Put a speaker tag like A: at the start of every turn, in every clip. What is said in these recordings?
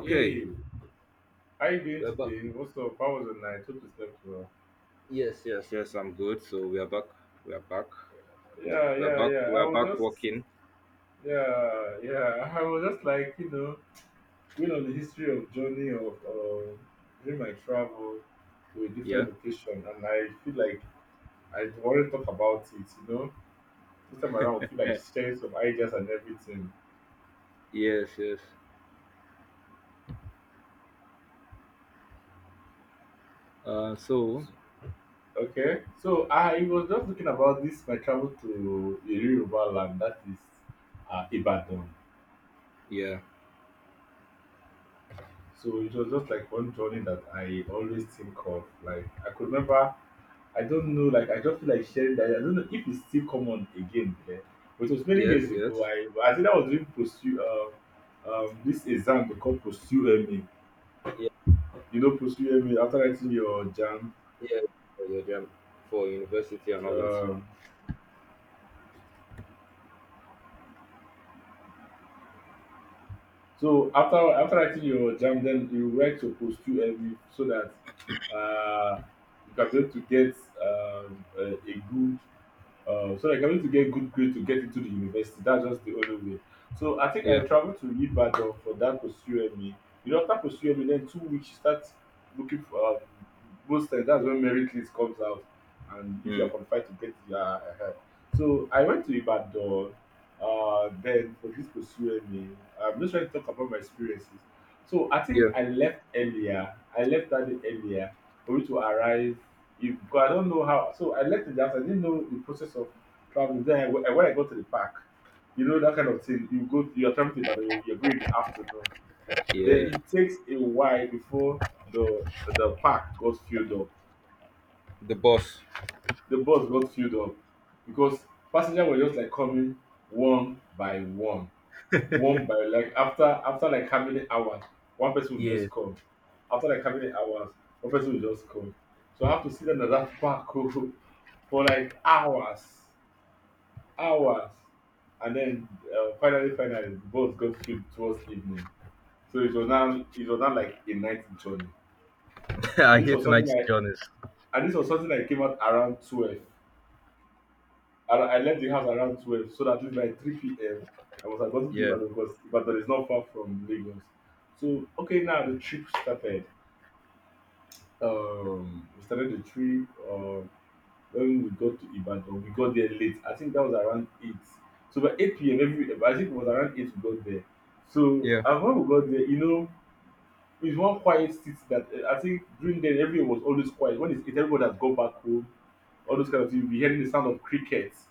A: Hey, how you doing
B: we're back.
A: today? What's up? How was the night? Hope you slept well.
B: Yes, yes, yes. I'm good. So we are back. We are back.
A: Yeah,
B: We are
A: yeah,
B: back.
A: yeah.
B: We are back working.
A: I was just like, you know, going on the history of journey of, during my travel to a
B: Yeah.
A: different location, and I feel like I want to talk about it. You know, this time around, I feel like sharing some ideas and everything.
B: Yes, yes. So
A: Okay, so I was just looking about this my travel to a Yoruba land that is Ibadan.
B: yeah.
A: So it was just like one journey that I always think of. Like I could remember, I don't know, like I just feel like sharing that. I don't know if it's still common again. Yeah. But it was many years
B: Yes,
A: ago.
B: yes.
A: I think I was doing pursue this exam they call pursue ME.
B: Yeah,
A: You know pursue ME after writing your jam.
B: yeah. Yeah. Yeah. For university and all that.
A: Um, so after writing your jam, then you write your pursue ME so that uh you can be able to get a good so like I need to get good grade to get into the university. That's just the only way. So I think I
B: Yeah.
A: traveled to Ibadan for that pursue me. You know, after pursue me, then 2 weeks you start looking for most times that's when merit list comes out, and if you are
B: Mm.
A: qualified to get your help. So I went to Ibadan. Then for this pursue me, I'm just trying to talk about my experiences. So I think
B: Yeah.
A: I left earlier. I left that day earlier for you to arrive if because I don't know how so I left the dance. I didn't know the process of traveling. Then I, when I got to the park, you know that kind of thing. You go you're traveling to Ibadan, you're going in the afternoon. Then
B: Yeah.
A: it takes a while before the the park got filled up.
B: The boss.
A: The bus got filled up because passengers were just like coming one by one. One by Like after like how many hours one person will
B: Yeah.
A: just call, after like how many hours one person will just call, so I have to sit down that park. Oh, for like hours, hours, and then finally the bus got filled towards evening. So it was now, like a night journey.
B: I
A: And this was
B: hate
A: something
B: night
A: like,
B: journeys.
A: and this was something that came out around twelve. I left the house around 12, so that at least by 3 p.m. I was about to
B: Yeah.
A: Ibadan because Ibadan is not far from Lagos. So, okay, now the trip started. We started the trip. When we got to Ibadan, we got there late. I think that was around 8. So, by 8 p.m., every, I think it was around 8 we got there. So,
B: Yeah.
A: and when we got there, you know, it's one quiet city that I think during then everyone was always quiet. When it's eight, everybody has gone back home, all those kind of things. We hearing the sound of crickets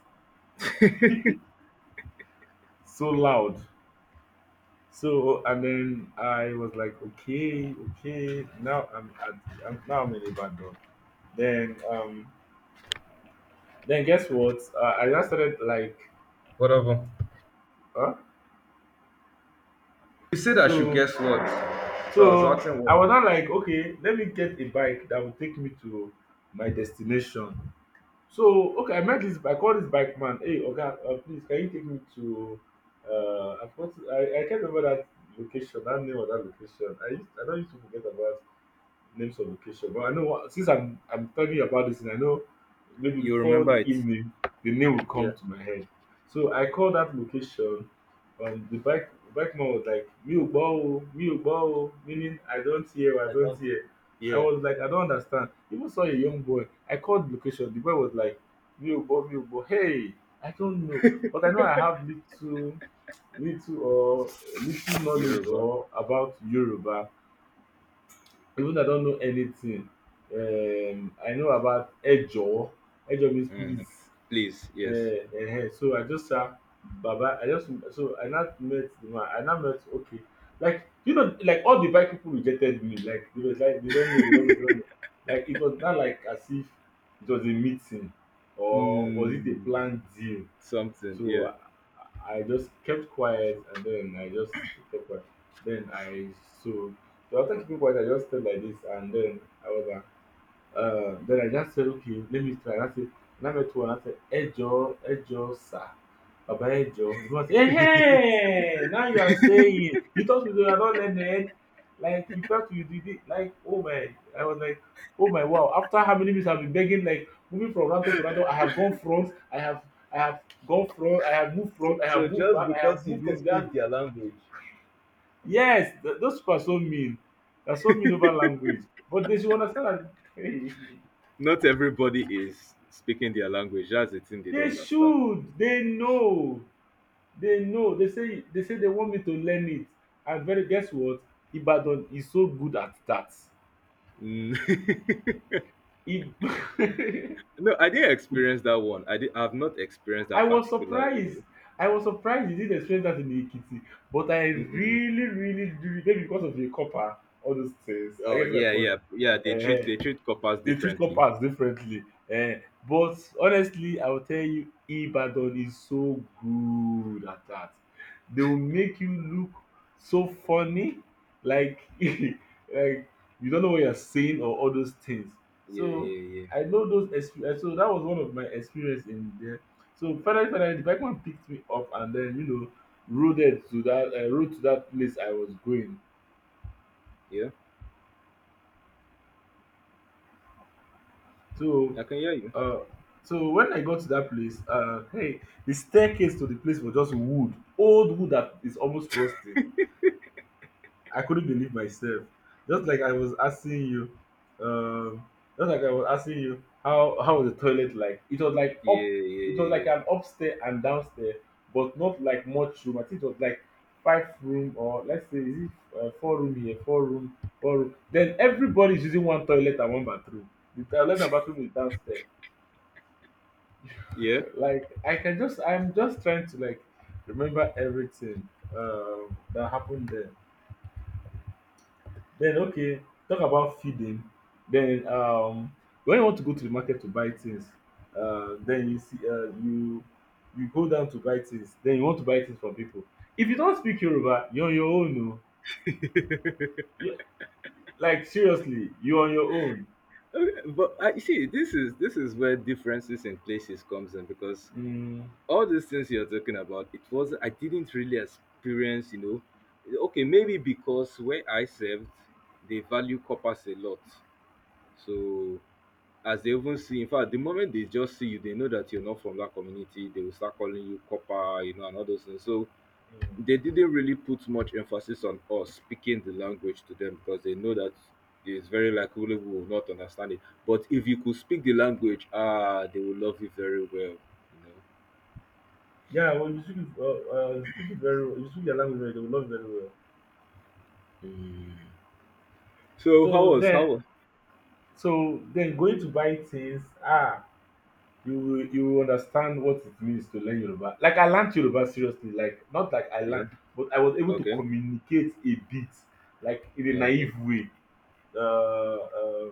A: so loud. So and then I was like, okay, okay. Now I'm in Ibadan. Then um then guess what? I just started like,
B: Whatever.
A: huh?
B: You said I should
A: So
B: guess what. So I was asking
A: I
B: what.
A: was not like okay, let me get a bike that will take me to my destination. So okay, I called this bike man. Hey, okay, please can you take me to I, forgot, I can't remember that location, that name of that location. I don't used to forget about names of location. But I know what, since I'm talking about this, and I know maybe
B: You
A: before
B: remember
A: the
B: it?
A: evening, the name will
B: Yeah.
A: come to my head. So I called that location. The bike man was like, "Mi o gbọ́ o, mi ò gbọ́ o," meaning I don't hear, I
B: I
A: don't
B: don't.
A: hear. I
B: Yeah.
A: was like, I don't understand. Even saw a young boy. I called location. The boy was like, "Mi ò gbọ́, mi ò gbọ́." Hey, I don't know, but I know I have little, little or little knowledge
B: Yoruba.
A: or about Yoruba, even I don't know anything. I know about Ejo. Ejo means
B: Mm,
A: please.
B: please, yes.
A: So I just saw Baba. I just so I not met the man. I not met, okay. Like you know, like all the bike people rejected me. Like they was like they don't know, they don't know, they don't know. Like it was not like as if it was a meeting, or was it a
B: Mm,
A: planned deal.
B: something, yeah.
A: So I just kept quiet and then I just kept quiet. Then I so so after keeping quiet I just stayed like this and then I was like, then I just said, okay, let me try. And I met one, I said, Ejo, Ejo, sir. Baba Ejo. He was, hey, hey, now you are saying, you thought we were not learned. Like, you felt you did it. Like, oh my. I was like, oh my, wow. After how many minutes I've been begging, like, moving from Ranto to Ranto, I have gone front, I have moved
B: So,
A: front, I
B: so
A: have moved
B: just
A: back, I
B: because
A: have
B: you
A: moved
B: didn't
A: from there.
B: speak their language.
A: Yes, those people are so mean. They're so mean over language. But they should understand that.
B: Not everybody is speaking their language. That's the thing they don't
A: They
B: understand.
A: should. They know. They know. They say they want me to learn it. And very guess what? Ibadan is so good at that.
B: Mm.
A: If
B: No, I didn't experience that one. I've not experienced
A: I
B: that
A: was
B: particular
A: surprised.
B: either.
A: I was surprised he didn't explain that in Ikiti? But I
B: Mm-mm.
A: really, really do maybe because of the copper, all those things. I
B: Oh,
A: get my
B: yeah,
A: point.
B: yeah, yeah. They treat they
A: They
B: treat coppers
A: treat
B: differently.
A: corpers differently. Eh? But honestly, I will tell you, Ibadan is so good at that. They will make you look so funny, like like you don't know what you're saying or all those things.
B: Yeah,
A: So
B: yeah, yeah,
A: I know those experience. So that was one of my experience in there. So finally, the bike man picked me up and then you know rode it to that rode to that place I was going.
B: yeah.
A: So,
B: I can hear you.
A: uh, so when I got to that place, hey, the staircase to the place was just wood, old wood that is almost rusty. I couldn't believe myself. Just like I was asking you, um, just like I was asking you, how was the toilet like? It was like up,
B: Yeah,
A: it was like
B: yeah,
A: an upstairs and downstairs, but not like much room. I think it was like five room, or let's say is it four room here, four room. Then everybody is using one toilet and one bathroom. The toilet and bathroom is downstairs.
B: yeah, yeah.
A: Like I can just, I'm just trying to like remember everything that happened then. then okay Talk about feeding. Then When you want to go to the market to buy things, then you go down to buy things, then you want to buy things from people. If you don't speak Yoruba, you're on your own. No
B: Yeah.
A: you Like seriously, you're on your own.
B: Okay, but I see this is where differences in places comes in, because
A: mm,
B: all these things you're talking about, it was I didn't really experience. Okay, maybe because where I served, they value coppers a lot. So as they even see, in fact, the moment they just see you, they know that you're not from that community, they will start calling you copper, and all those things. So
A: mm.
B: they didn't really put much emphasis on us speaking the language to them, because they know that it's very likely we will not understand it. But if you could speak the language, they will love you very well, you know.
A: Yeah, well you speak it, you speak it very well, you speak your language very well, they will love you very well.
B: Mm. So
A: so
B: how?
A: then
B: Was
A: So then going to buy things, ah, you will understand what it means to learn Yoruba. Like I learned Yoruba seriously, like not like I
B: Yeah.
A: learned, but I was able to
B: Okay.
A: communicate a bit, like in a
B: Okay.
A: naive way. Uh, uh,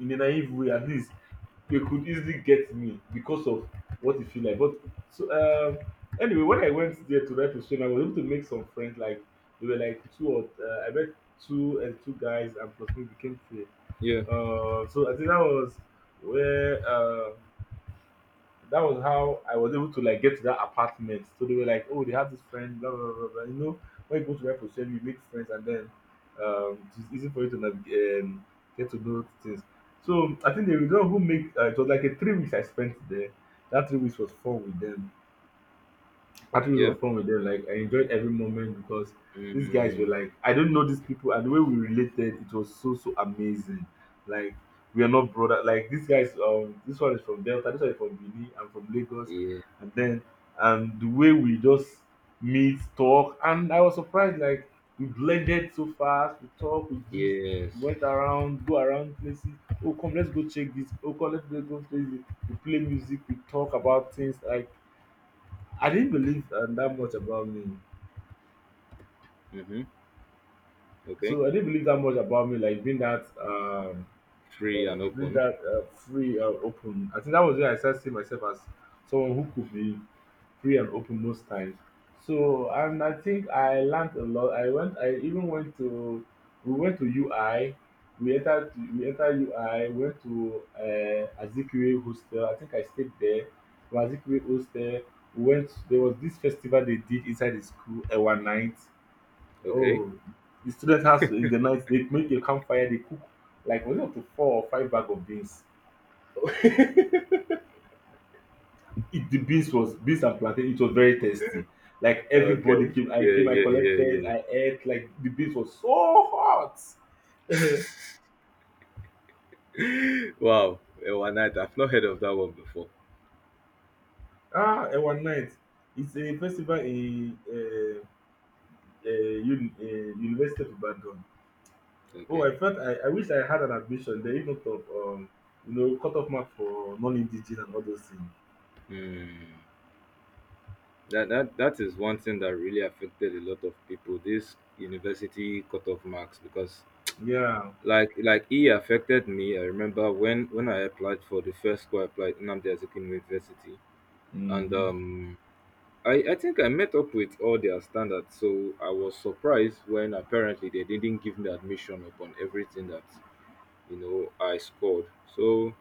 A: in a naive way, at least they could easily get me because of what it feel like. But so anyway, when I went there to write Repression, I was able to make some friends. Like they were like two, or I met two, and two guys, and plus me became three.
B: Yeah.
A: So I think that was where that was how I was able to like get to that apartment. So they were like, "Oh, they have this friend, blah blah blah, blah." You know, when you go to Repo you make friends, and then it's easy for you to get to know things. So I think they were the one who make it was like a 3 weeks I spent there. That 3 weeks was fun with them. Actually, it
B: Yeah.
A: was fun with them. Like I enjoyed every moment because these guys were
B: Mm.
A: like, I don't know these people, and the way we related, it was so so amazing. Like we are not brother. Like these guys, this one is from Delta, this one is from Benin, I'm from Lagos,
B: Yeah.
A: and then, and the way we just meet, talk, and I was surprised. Like we blended so fast. We talk, we gist,
B: Yes.
A: we went around, go around places. Oh come, let's go check this. Oh come, let's go play this. We play music, we talk about things like I didn't believe that much about me.
B: Mm-hmm. Okay.
A: So I didn't believe that much about me, like
B: Free and
A: being
B: open.
A: that free and open. I think that was when I started seeing myself as someone who could be free and open most times. So and I think I learned a lot. I went. I even went to. We went to UI. We entered. To, we entered UI. Went to Azikiwe hostel. I think I stayed there. From Azikiwe hostel, we went. There was this festival they did inside the school, one night.
B: Okay.
A: Oh, the student has to in the night they make a campfire, they cook like was it up to four or five bag of beans. It the beans was beans and plantain, it was very tasty. Like everybody
B: Okay. Yeah,
A: came, I
B: yeah,
A: collected,
B: yeah,
A: I ate, like the beans was so hot.
B: yeah. Wow. One night. I've not heard of that one before.
A: ah, and one night. It's a festival in University of Ibadan. Oh,
B: Okay.
A: I felt I wish I had an admission there, if not of you know, cut off mark for non-indigenous and all those things.
B: Mm. That is one thing that really affected a lot of people. This university cutoff marks, because
A: Yeah.
B: like it affected me. I remember when I applied for the first school I applied, Nnamdi Azikiwe University, and
A: Mm.
B: I think I met up with all their standards. So I was surprised when apparently they didn't give me admission upon everything that I scored. So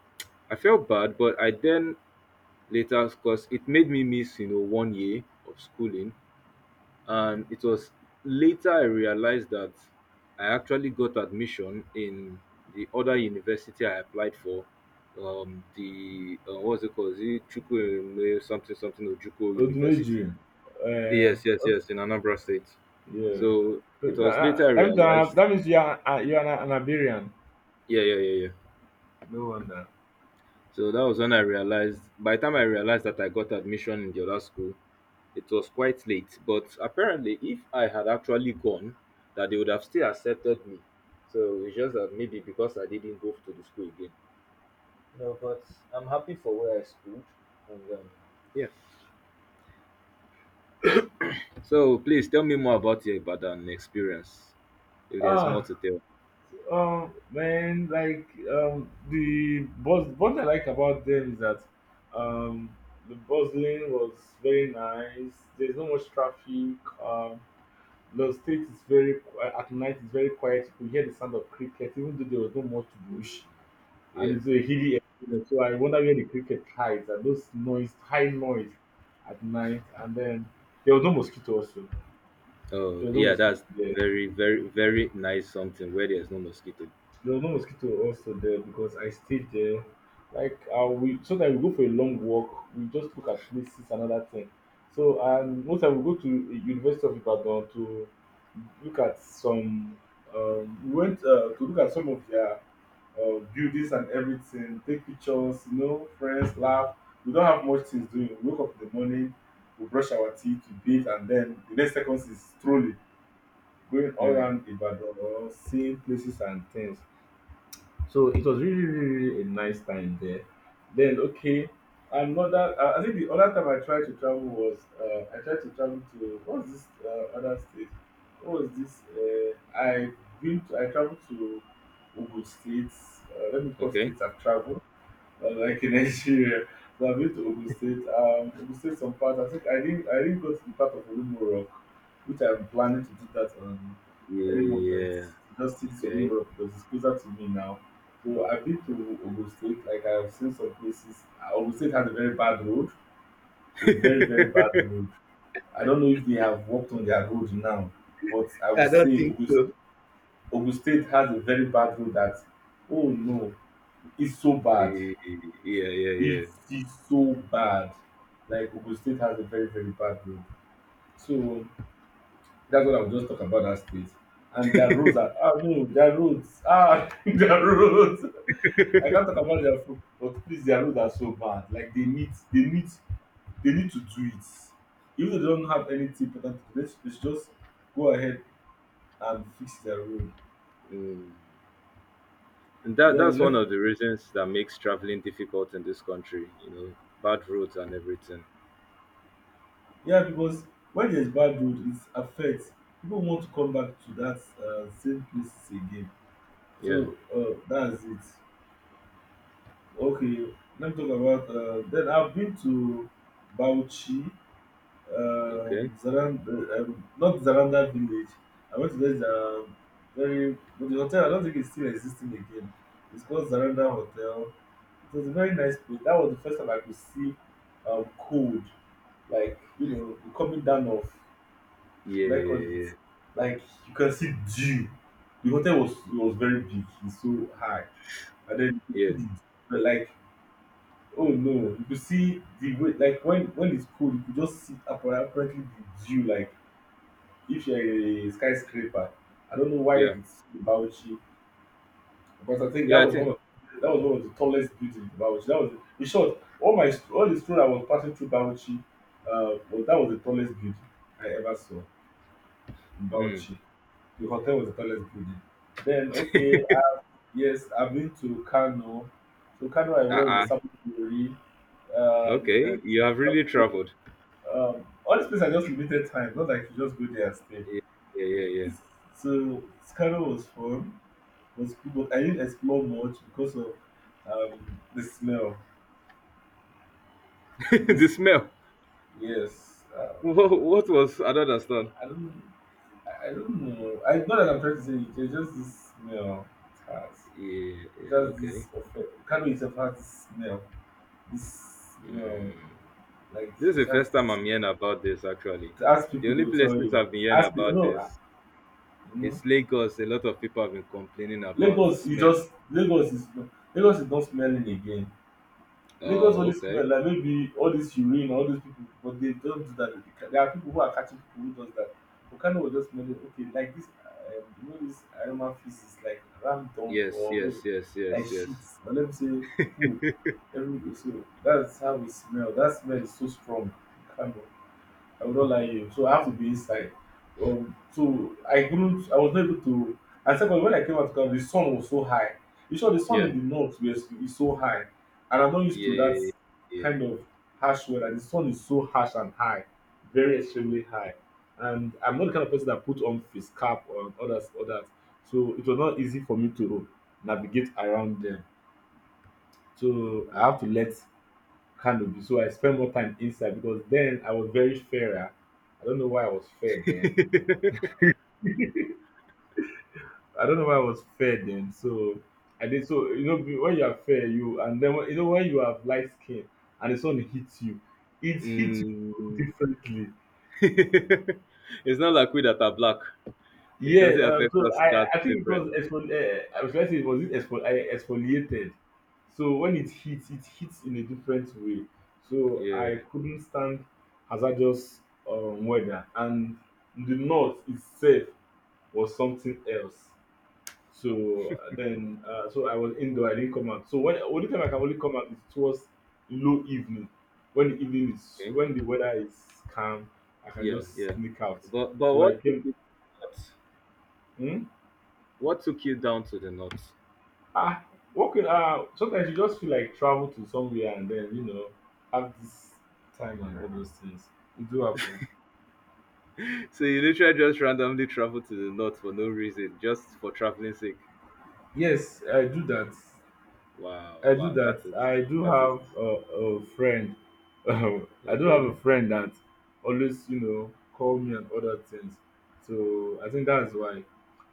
B: I felt bad, but I then later, because it made me miss one year of schooling. And it was later I realized that I actually got admission in the other university I applied for. The What's it called? Is it Chukwueme something something Ojuko University?
A: Oduneji, eh,
B: Yes, yes, yes, in Anambra State.
A: yes.
B: So
A: So
B: it was later
A: That,
B: I
A: that, that means you are,
B: realized.
A: that means you are an Iberian.
B: Yeah, yeah, yeah, yeah.
A: No wonder.
B: So that was when I realized. By the time I realized that I got admission in the other school, it was quite late, but apparently, if I had actually gone, that they would have still accepted me. So it's just that maybe because I didn't go to the school again. No, but I'm happy for where I schooled. And yeah. So please tell me more about your Ibadan experience. If there's more
A: Ah,
B: to tell.
A: man, like the buzz. What I like about them is that um, the bustling was very nice. There's not much traffic. Um, the street is very at night. It's very quiet. You could hear the sound of cricket, even though there was no much bush. And
B: Yeah.
A: it's a hilly area. So I wonder where the cricket hides and those noise, high noise at night. And then there was no mosquito also. There
B: Oh,
A: was no
B: yeah.
A: mosquito
B: That's
A: there.
B: very, very, very nice. Something where there's no mosquito.
A: There was no mosquito also there because I stayed there. Like we sometimes we go for a long walk, we just look at places, another thing. So and most time we go to University of Ibadan to look at some. We went to look at some of their buildings and everything, take pictures, you know, friends, laugh. We don't have much things doing. We wake up in the morning, we brush our teeth, we bathe, and then the next seconds is strolling, going all
B: Hmm.
A: around Ibadan, seeing places and things. So it was really, really, really a nice time there. Then okay, another I think the other time I tried to travel was I tried to travel to what was this other state? What was this? I've been to, I traveled to Ogun States. Let me call
B: Okay.
A: states I've traveled. But like in Nigeria, so I've been to Ogun State. Ogun State, some part. I think I didn't. I didn't go to the part of Olumulo Rock, which I'm planning to do that on any moment.
B: Yeah.
A: Just see this
B: Okay.
A: Olumulo Rock because it's closer to me now. So I've been to Ogun State. Like I've seen some places. Ogun State has a very bad road. A very very bad road. I don't know if they have worked on their road now, but I would
B: I don't
A: say
B: think
A: Ogun,
B: so.
A: Ogun State has a very bad road. That oh no, it's so bad
B: Yeah, yeah,
A: it
B: yeah.
A: is so bad. Like Ogun State has a very, very bad road. So that's what I would just talk about that state. And their roads are ah no, their roads. Ah their roads. I can't talk about their food, but please their roads are so bad. Like they need they need to do it. Even if they don't have anything important to do, let's just go ahead and fix their road.
B: Mm. And that
A: Then
B: that's one
A: let
B: of the reasons that makes traveling difficult in this country, bad roads and everything.
A: yeah, because when there's bad road it affects people want to come back to that same places again.
B: Yeah.
A: So that's it. Okay, let me talk about. Then I've been to Bauchi,
B: Okay.
A: Zarand, not Zaranda village. I went to this very, but the hotel I don't think it's still existing again. It's called Zaranda Hotel. It was a very nice place. That was the first time I could see cold, like you know, the coming down of
B: Yeah,
A: what I call it.
B: yeah, yeah.
A: Like you can see dew. The hotel was very big. It's so high and then you
B: Yeah.
A: could
B: Yeah.
A: see the but like oh no you could see the way like when it's cold you could just see apparently the dew like if you're a skyscraper. I don't know why
B: Yeah,
A: it's in Bauchi, but I think
B: yeah, I think
A: that was one of the tallest buildings in Bauchi. That was in short all my all the street I was passing through Bauchi, well that was the tallest building I ever saw in
B: mm.
A: Bauchi. The hotel was the tallest building. Then okay, yes, I've been to Kano. So Kano, I was
B: Uh-uh.
A: on Sapori, then
B: Okay. You have really
A: Sapori,
B: traveled.
A: all these places are just limited time. Not like you just go there and stay.
B: Yeah, yeah, yeah.
A: So Kano was fun, was cool, but I didn't explore much because of the smell.
B: yeah. The
A: This
B: smell.
A: yes,
B: What was I don't understand.
A: I don't, I don't know. I not that I'm trying to say it. It's just this smell. It has
B: Yeah, yeah,
A: just this
B: okay.
A: effect. Kano itself has this smell. This smell.
B: Mm.
A: Like
B: This is
A: it
B: the first time
A: has
B: I'm hearing about this actually.
A: ask
B: The
A: people they
B: only
A: will tell
B: places
A: you.
B: I've been hearing
A: Ask people
B: about
A: no ah,
B: is
A: mm,
B: it's Lagos. A lot of people have been complaining about
A: Lagos is
B: smell.
A: just Lagos is Lagos is not smelling again. Lagos
B: Oh,
A: only smell
B: okay.
A: like maybe all this urine, all these people, but they don't do that. They ca- There are people who are catching people who does that. Okano was just smelling okay, like this you know this animal feces is like ram dung
B: Yes,
A: or maybe
B: yes, yes,
A: like
B: yes,
A: shit
B: yes.
A: or let me say poo everywhere. So that's how we smell. That smell is so strong. Okano. I would not like you. So I have to be inside. So I couldn't. I was not able to. And second, when I came out to camp, the sun was so high. You sure the sun
B: Yeah,
A: in the north was is so high, and I'm not used to that
B: yeah, yeah.
A: kind of harsh weather. The sun is so harsh and high, very extremely high. And I'm not the kind of person that put on face cap or others, others. So it was not easy for me to navigate around them. So I have to let Canopy. So I spent more time inside because then I was very fairer. I don't know why I was fair then.
B: Mm.
A: I don't know why I was fair then. So I did so you know when you are fair you and then when, you know when you have light skin and the sun hits you, it hits you
B: Mm.
A: differently.
B: It's not like we that are black. It
A: Yeah,
B: doesn't affect
A: so
B: us
A: I,
B: that
A: I think it was
B: different.
A: I was going to say it was it I exfoliated. So when it hits in a different way. So
B: Yeah.
A: I couldn't stand hazardous weather, and the north itself was something else. So then, so I was indoor. I didn't come out. So when only time I can only come out is towards low evening. When the evening is
B: Okay.
A: when the weather is calm, I can
B: Yeah,
A: just
B: yeah.
A: sneak out.
B: But
A: So I
B: what took
A: came.
B: you north?
A: Hmm?
B: What took you down to the north?
A: Ah, working ah sometimes you just feel like travel to somewhere and then you know have this time and all those things. It do happen.
B: So you literally just randomly traveled to the north for no reason, just for traveling sake.
A: Yes, I do that.
B: Wow,
A: I do
B: wow,
A: that.
B: that is
A: I do
B: that is
A: have a friend. I do have a
B: okay.
A: friend that always you know call me and other things. So I think that's why.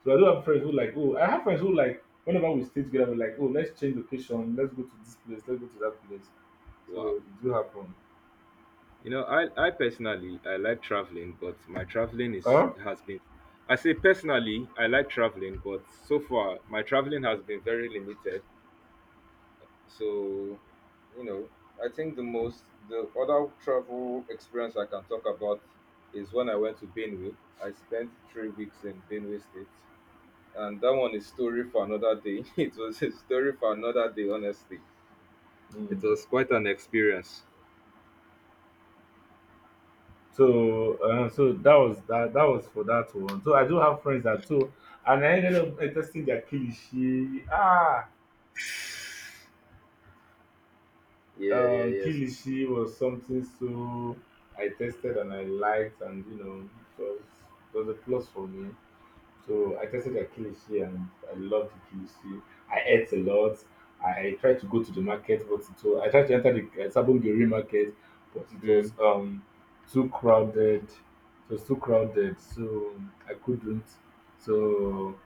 A: So I do have friends who like oh I have friends who like whenever we stay together we're like oh let's change location let's go to this place let's go to that place. So
B: Wow.
A: it do happen.
B: You know, I personally I like traveling, but my traveling is
A: Huh?
B: has been I say personally I like traveling, but so far my traveling has been very limited. So, you know, I think the other travel experience I can talk about is when I went to Benue. I spent 3 weeks in Benue State, and that one is story for another day. It was a story for another day. Honestly,
A: Mm.
B: it was quite an experience.
A: So, so that was that. That was for that one. So I do have friends that too, and I ended up testing their kilishi. Ah,
B: Yeah, yeah,
A: kilishi was something so I tested and I liked, and you know, it was it was a plus for me. So I tasted their kilishi and I loved the kilishi. I ate a lot. I tried to go to the market, but it was, I tried to enter the Sabongeri market, but it
B: yes.
A: was too crowded. It was too crowded, so I couldn't. So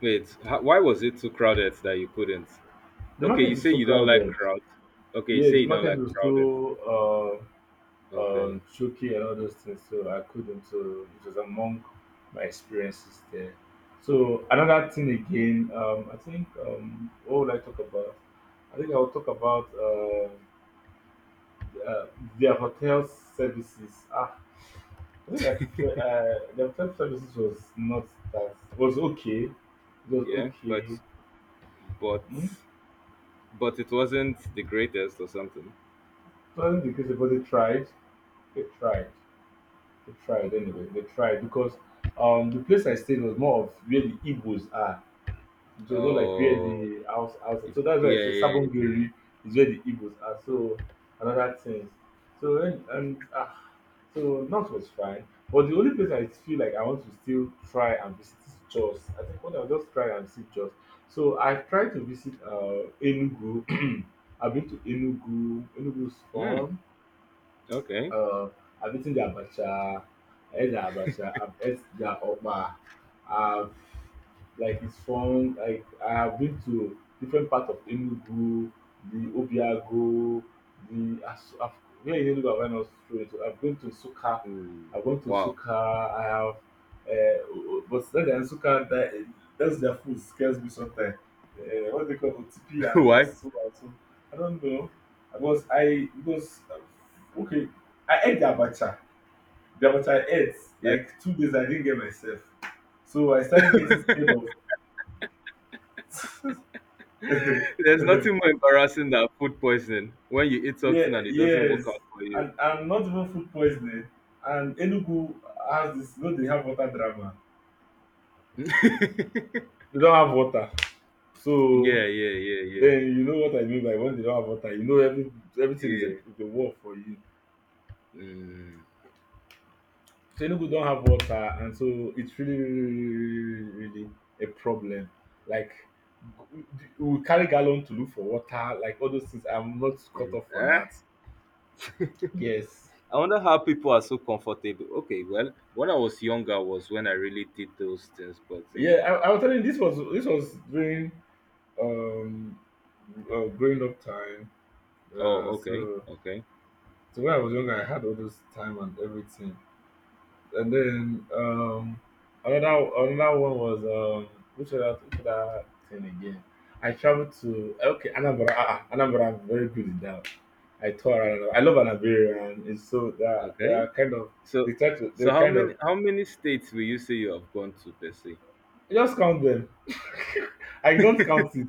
B: Wait, why was it too crowded that you couldn't?
A: the
B: Okay,
A: market
B: you
A: is
B: say
A: so
B: you don't like
A: crowded.
B: crowd. Okay, you
A: Yes,
B: say
A: the
B: you don't
A: market
B: like
A: was
B: crowded.
A: too.
B: Okay,
A: Shoki and all those things. So I couldn't. So it was among my experiences there. So another thing again, I think what would I talk about? I think I will talk about uh, their hotel services. Ah, I think I prefer their hotel services was not that was okay. It was
B: yeah, but
A: okay.
B: but
A: Hmm?
B: but it wasn't the greatest or something.
A: So I think because but they tried, they tried anyway. They tried because the place I stayed was more of where the Igbos are. It was not like where
B: Oh,
A: the house. So that's why I
B: yeah,
A: say
B: yeah, yeah. yeah.
A: Sabongeri is where the Igbos are. So another things. So And so North was fine. But the only place I feel like I want to still try and visit is Jos. I think what I'll just try and see Jos. So I've tried to visit Enugu. I've been to Enugu. Enugu's
B: yeah. Hmm.
A: fun.
B: Okay.
A: Uh, I've eaten the abacha. I ate the abacha. I've ate the okpa. I've like it's fun. Like I have been to different parts of Enugu, the Obiago, the As- I've, where in Enugu have I not straight? I've been to Suka.
B: Hmm.
A: I've gone to
B: Wow.
A: Suka. I have, but then in Suka that's their food scares me sometimes. What they call OTP and
B: Why?
A: also I don't know. Because I because okay, I ate the abacha. The abacha I ate
B: Yeah.
A: like 2 days. I didn't get myself, so I started getting scared of.
B: There's nothing more embarrassing than food poisoning when you eat
A: Yeah,
B: something and it doesn't work
A: yes,
B: out for you.
A: and not even food poisoning. And Enugu has this. You know they have water drama.
B: yeah,
A: They don't have water, so
B: yeah, yeah, yeah,
A: then you know what I mean by when they don't have water. You know everything is a,
B: yeah.
A: is a war for you.
B: Mm,
A: So Senugu don't have water, and so it's really, really, really, really, really, really, really a problem. Like we we carry gallon to look for water, like all those things. I'm not cut
B: mm.
A: off for that. Yes,
B: I wonder how people are so comfortable. Okay, well, when I was younger was when I really did those things, but you know.
A: yeah. I was telling you, this was during um growing up time. Uh,
B: Oh, okay,
A: so
B: okay,
A: so when I was younger, I had all those time and everything. And then another one was which other thing again? I traveled to okay Anambra. Anambra, I'm very good in that. I tour around. I love Anambra, and it's so they are, they
B: okay.
A: are kind of they
B: So,
A: try to
B: so,
A: they
B: how
A: kind of
B: many how many states will you say you have gone to per se?
A: just count them. I don't count it.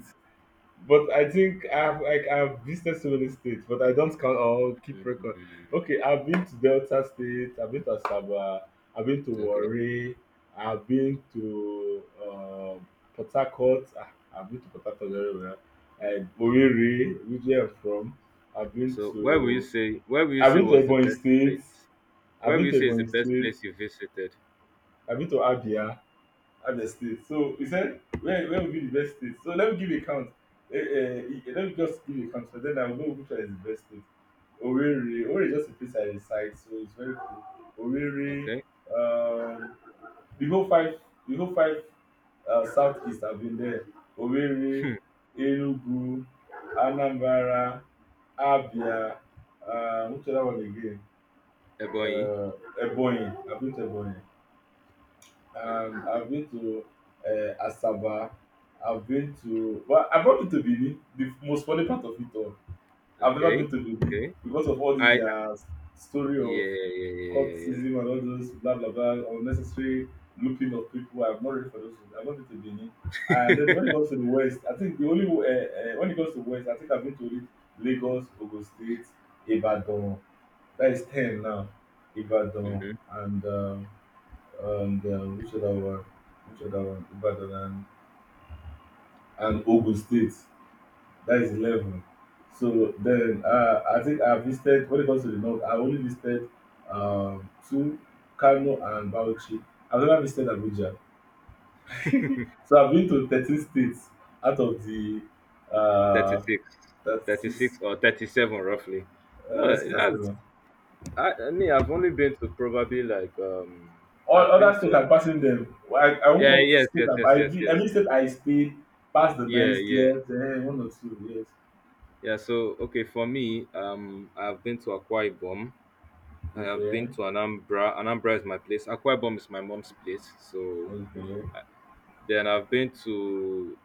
A: But I think I've like I've visited so many states, but I don't count or keep
B: Mm.
A: record. Okay, I've been to Delta State, I've been to Asaba, I've been to
B: Okay.
A: Warri, I've been to Port Harcourt, ah, I've been to Port Harcourt very well. Oriri, which where I'm from, I've been
B: So, where will you
A: to
B: say where will you
A: I've
B: say
A: been to
B: was the
A: Ebonyi
B: best
A: State,
B: place?
A: I've
B: Where will
A: been
B: you
A: to
B: say is the
A: Ebonyi
B: best
A: State,
B: place you visited?
A: I've been to Abia, other states. So he said, where will be the best state? So let me give a count. Let me just give a count, so then I'll know which one is the best state. Owerri is just a place I reside, so it's very cool. Owerri,
B: Okay,
A: um, the whole five, the whole five southeast have been there. Owerri, Enugu, Anambra, Abia, which other one again?
B: Ebonyi.
A: Uh, Ebonyi. I've been to Ebonyi. I've been to Asaba. I've been to well, I've not been to Benin. The most funny part of it all, I've never
B: Okay,
A: been to Benin
B: okay.
A: because of all this
B: I
A: their story
B: yeah,
A: of
B: yeah, yeah, yeah, yeah. yeah.
A: cultism and all those blah blah blah unnecessary looping of people. I'm not ready for those. Things. I've not been to Benin. And then when it comes to the West, I think the only when it comes to West, I think I've been to only Lagos, Ogun State, Ibadan. That is 10 now. Ibadan
B: Mm-hmm.
A: and which other one? Which other one? And Ogun State. That is 11. So then I think I visited when it comes to the north. I only visited two, Kano and Bauchi. I've never visited Abuja. So I've been to 13 states out of the
B: Thirty
A: uh,
B: six.
A: 36.
B: 36 or 37 roughly. Oh,
A: Let's say
B: that's
A: 37.
B: I, I mean, I've only been to probably like
A: All
B: I've been
A: other states
B: to
A: I'm passing them. I won't
B: yeah,
A: come
B: yes,
A: state
B: yes, yes, yes, yes,
A: every state I stay past the nine
B: yeah, yeah,
A: slept. Eh, one or two, yes.
B: yeah. So okay, for me, I've been to Akwa Ibom. I have
A: Okay.
B: been to Anambra. Anambra is my place. Akwa Ibom is my mom's place. So
A: Okay.
B: then I've been to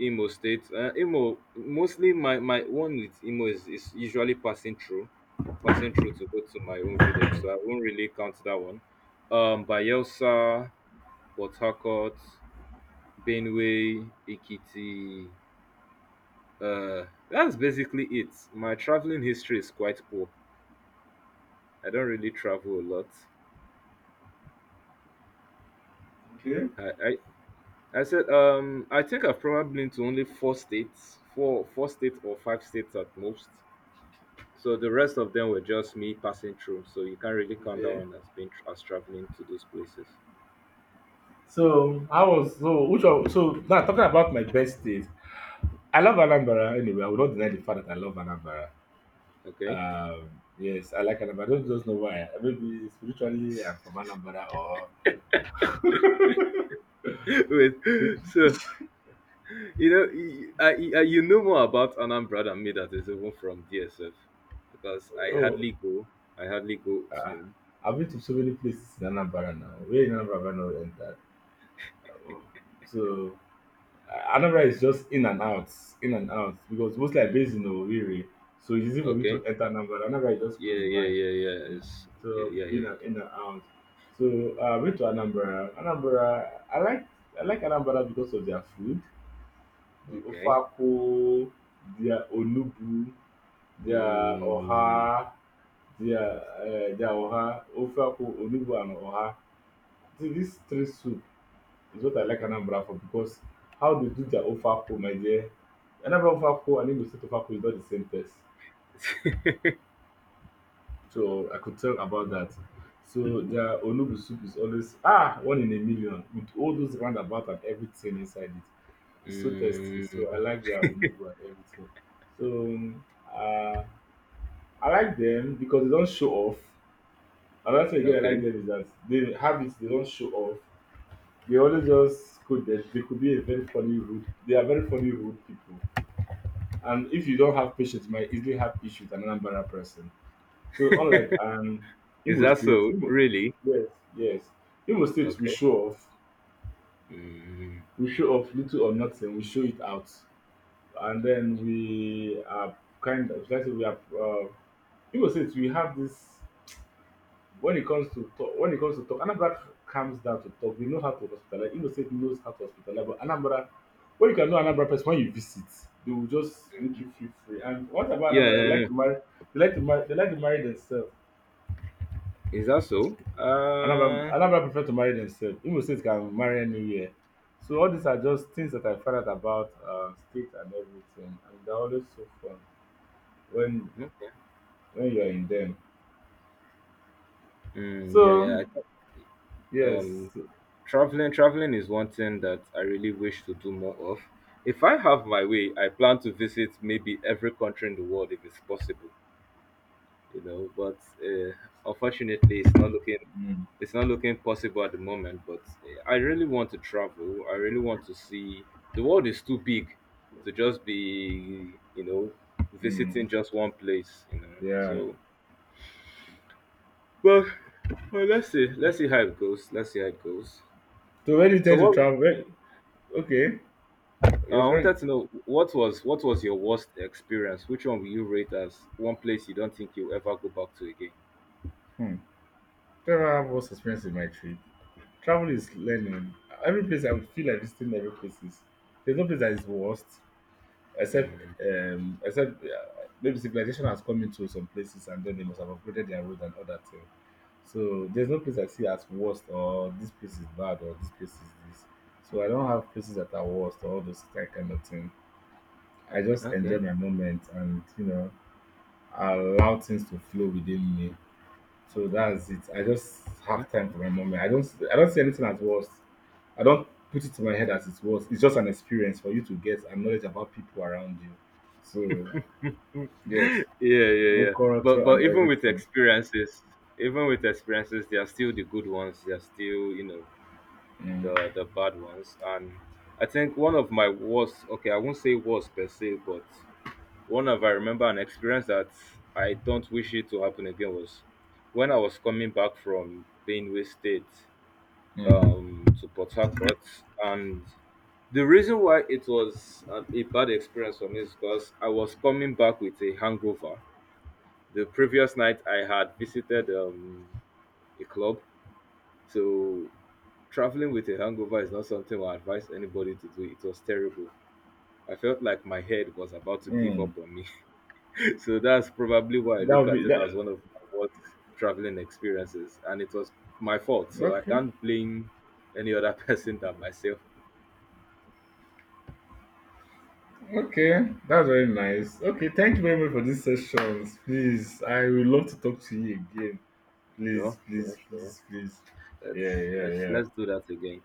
B: Imo State. Imo, mostly my one with Imo is usually passing through to go to my own village. So I won't really count that one. Bayelsa, Port Harcourt. Benue, Ekiti. That's basically it. My traveling history is quite poor. I don't really travel a lot.
A: Okay.
B: I, I, I said I think I've probably been to only four states, four states or five states at most. So the rest of them were just me passing through. So you can't really count that
A: Okay.
B: one as being as traveling to those places.
A: So I was so which one, so now talking about my best days. I love Anambra anyway. I will not deny the fact that I love Anambra.
B: Okay.
A: Yes, I like Anambra. I don't just know why. Maybe spiritually I'm from Anambra or
B: Wait. So, you know, you know more about Anambra than me that is even from DSF, because I
A: oh
B: hardly go. I hardly go to home.
A: I've been to so many places in Anambra now. Where in Anambra have I not entered? So Anambra is just in and out because mostly I based
B: Mm.
A: in Owerri, so it's easy for me
B: Okay.
A: to enter Anambra. Anambra is just
B: Yeah,
A: close
B: yeah,
A: by,
B: yeah, yeah. It's, yeah,
A: so
B: yeah.
A: being
B: yeah.
A: an in and out. So I went to Anambra. Anambra, I like Anambra because of their food, the
B: Okay.
A: ofako, their onubu, their
B: Mm.
A: oha, their oha, ofako, onubu, and oha. These three soup is what I like Anambra for because how they do their Ofako, my dear. Anambra Ofako and Igbo State Ofako is not the same taste. So I could tell about that. So their Onubu soup is always ah one in a million with all those roundabout and everything inside it. It's so tasty.
B: mm.
A: So I like their Onubu and everything. So uh, I like them because they don't show off. Another thing again I like
B: Okay.
A: them is that they have it, they don't show off. They always just could they could be a very funny rude. They are very funny rude people. And if you don't have patience, you might easily have issues with an Anambra person. So unlike
B: Is
A: Imo
B: that
A: State,
B: so?
A: Imo,
B: Really?
A: yes, yes. Imo State we
B: Okay.
A: show off.
B: Mm.
A: We show off little or nothing, we show it out. And then we are kind of let's say we are Imo State we have this when it comes to talk, Anambra comes down to talk. They know how to hospitalize. Igbo State knows how to hospitalize. But Anambra, when you can know Anambra person, when you visit, they will just make you feel free. And what about
B: Yeah,
A: Anambra? They
B: yeah,
A: like
B: yeah.
A: to marry. They like to marry themselves.
B: Is that so?
A: Anambra prefer to marry themselves. Imo State can marry anywhere. So all these are just things that I found out about state and everything, and they're always so fun when
B: Okay.
A: when you are in them.
B: Mm, yeah,
A: So
B: yeah. I thought,
A: yes,
B: um, traveling is one thing that I really wish to do more of. If I have my way, I plan to visit maybe every country in the world if it's possible. But uh, unfortunately, it's not looking
A: mm,
B: possible at the moment. But I really want to travel. I really want to see the world is too big to just be
A: mm,
B: visiting just one place.
A: yeah.
B: So, well, well, let's see how it goes. Let's see how it goes.
A: So where do you
B: So
A: tend to
B: what
A: travel? Where, okay, you're
B: I wanted
A: going.
B: to know what was your worst experience? Which one will you rate as one place you don't think you'll ever go back to again?
A: Hmm. Travel I have most experience in my trip. Travel is learning. Every place I would feel like visiting every place is there's no place that is worst except
B: Mm.
A: except maybe civilization has come into some places and then they must have upgraded their road and all that thing. So there's no place I see as worst or this place is bad or this place is this. So I don't have places that are worst or all those that kind of thing. I just enjoy
B: Okay.
A: my moment and you know allow things to flow within me. So that's it. I just
B: Yeah,
A: have time for my moment. I don't see anything as worse. I don't put it in my head as it's worse. It's just an experience for you to get and knowledge about people around you. So yes,
B: yeah, yeah.
A: go
B: yeah. But
A: culture and
B: even with
A: everything.
B: experiences, there are still the good ones. There are still
A: Mm,
B: the bad ones. And I think one of my worst. Okay, I won't say worst per se, but one of I remember an experience that I don't wish it to happen again was when I was coming back from Benue State.
A: mm,
B: To Port Harcourt. And the reason why it was a bad experience for me is because I was coming back with a hangover. The previous night, I had visited a club. So traveling with a hangover is not something I advise anybody to do. It was terrible. I felt like my head was about to give
A: mm.
B: up on me. So that's probably why I
A: That
B: look
A: would
B: at
A: be
B: it as
A: that.
B: one of my worst traveling experiences. And it was my fault. So I
A: Okay,
B: can't blame any other person than myself.
A: okay, that's very nice. Okay, thank you very much for these sessions. Please, I would love to talk to you again.
B: Sure,
A: Please,
B: sure,
A: please,
B: sure.
A: please, please. Yeah,
B: Let's
A: yeah,
B: let's
A: yeah.
B: let's do that again.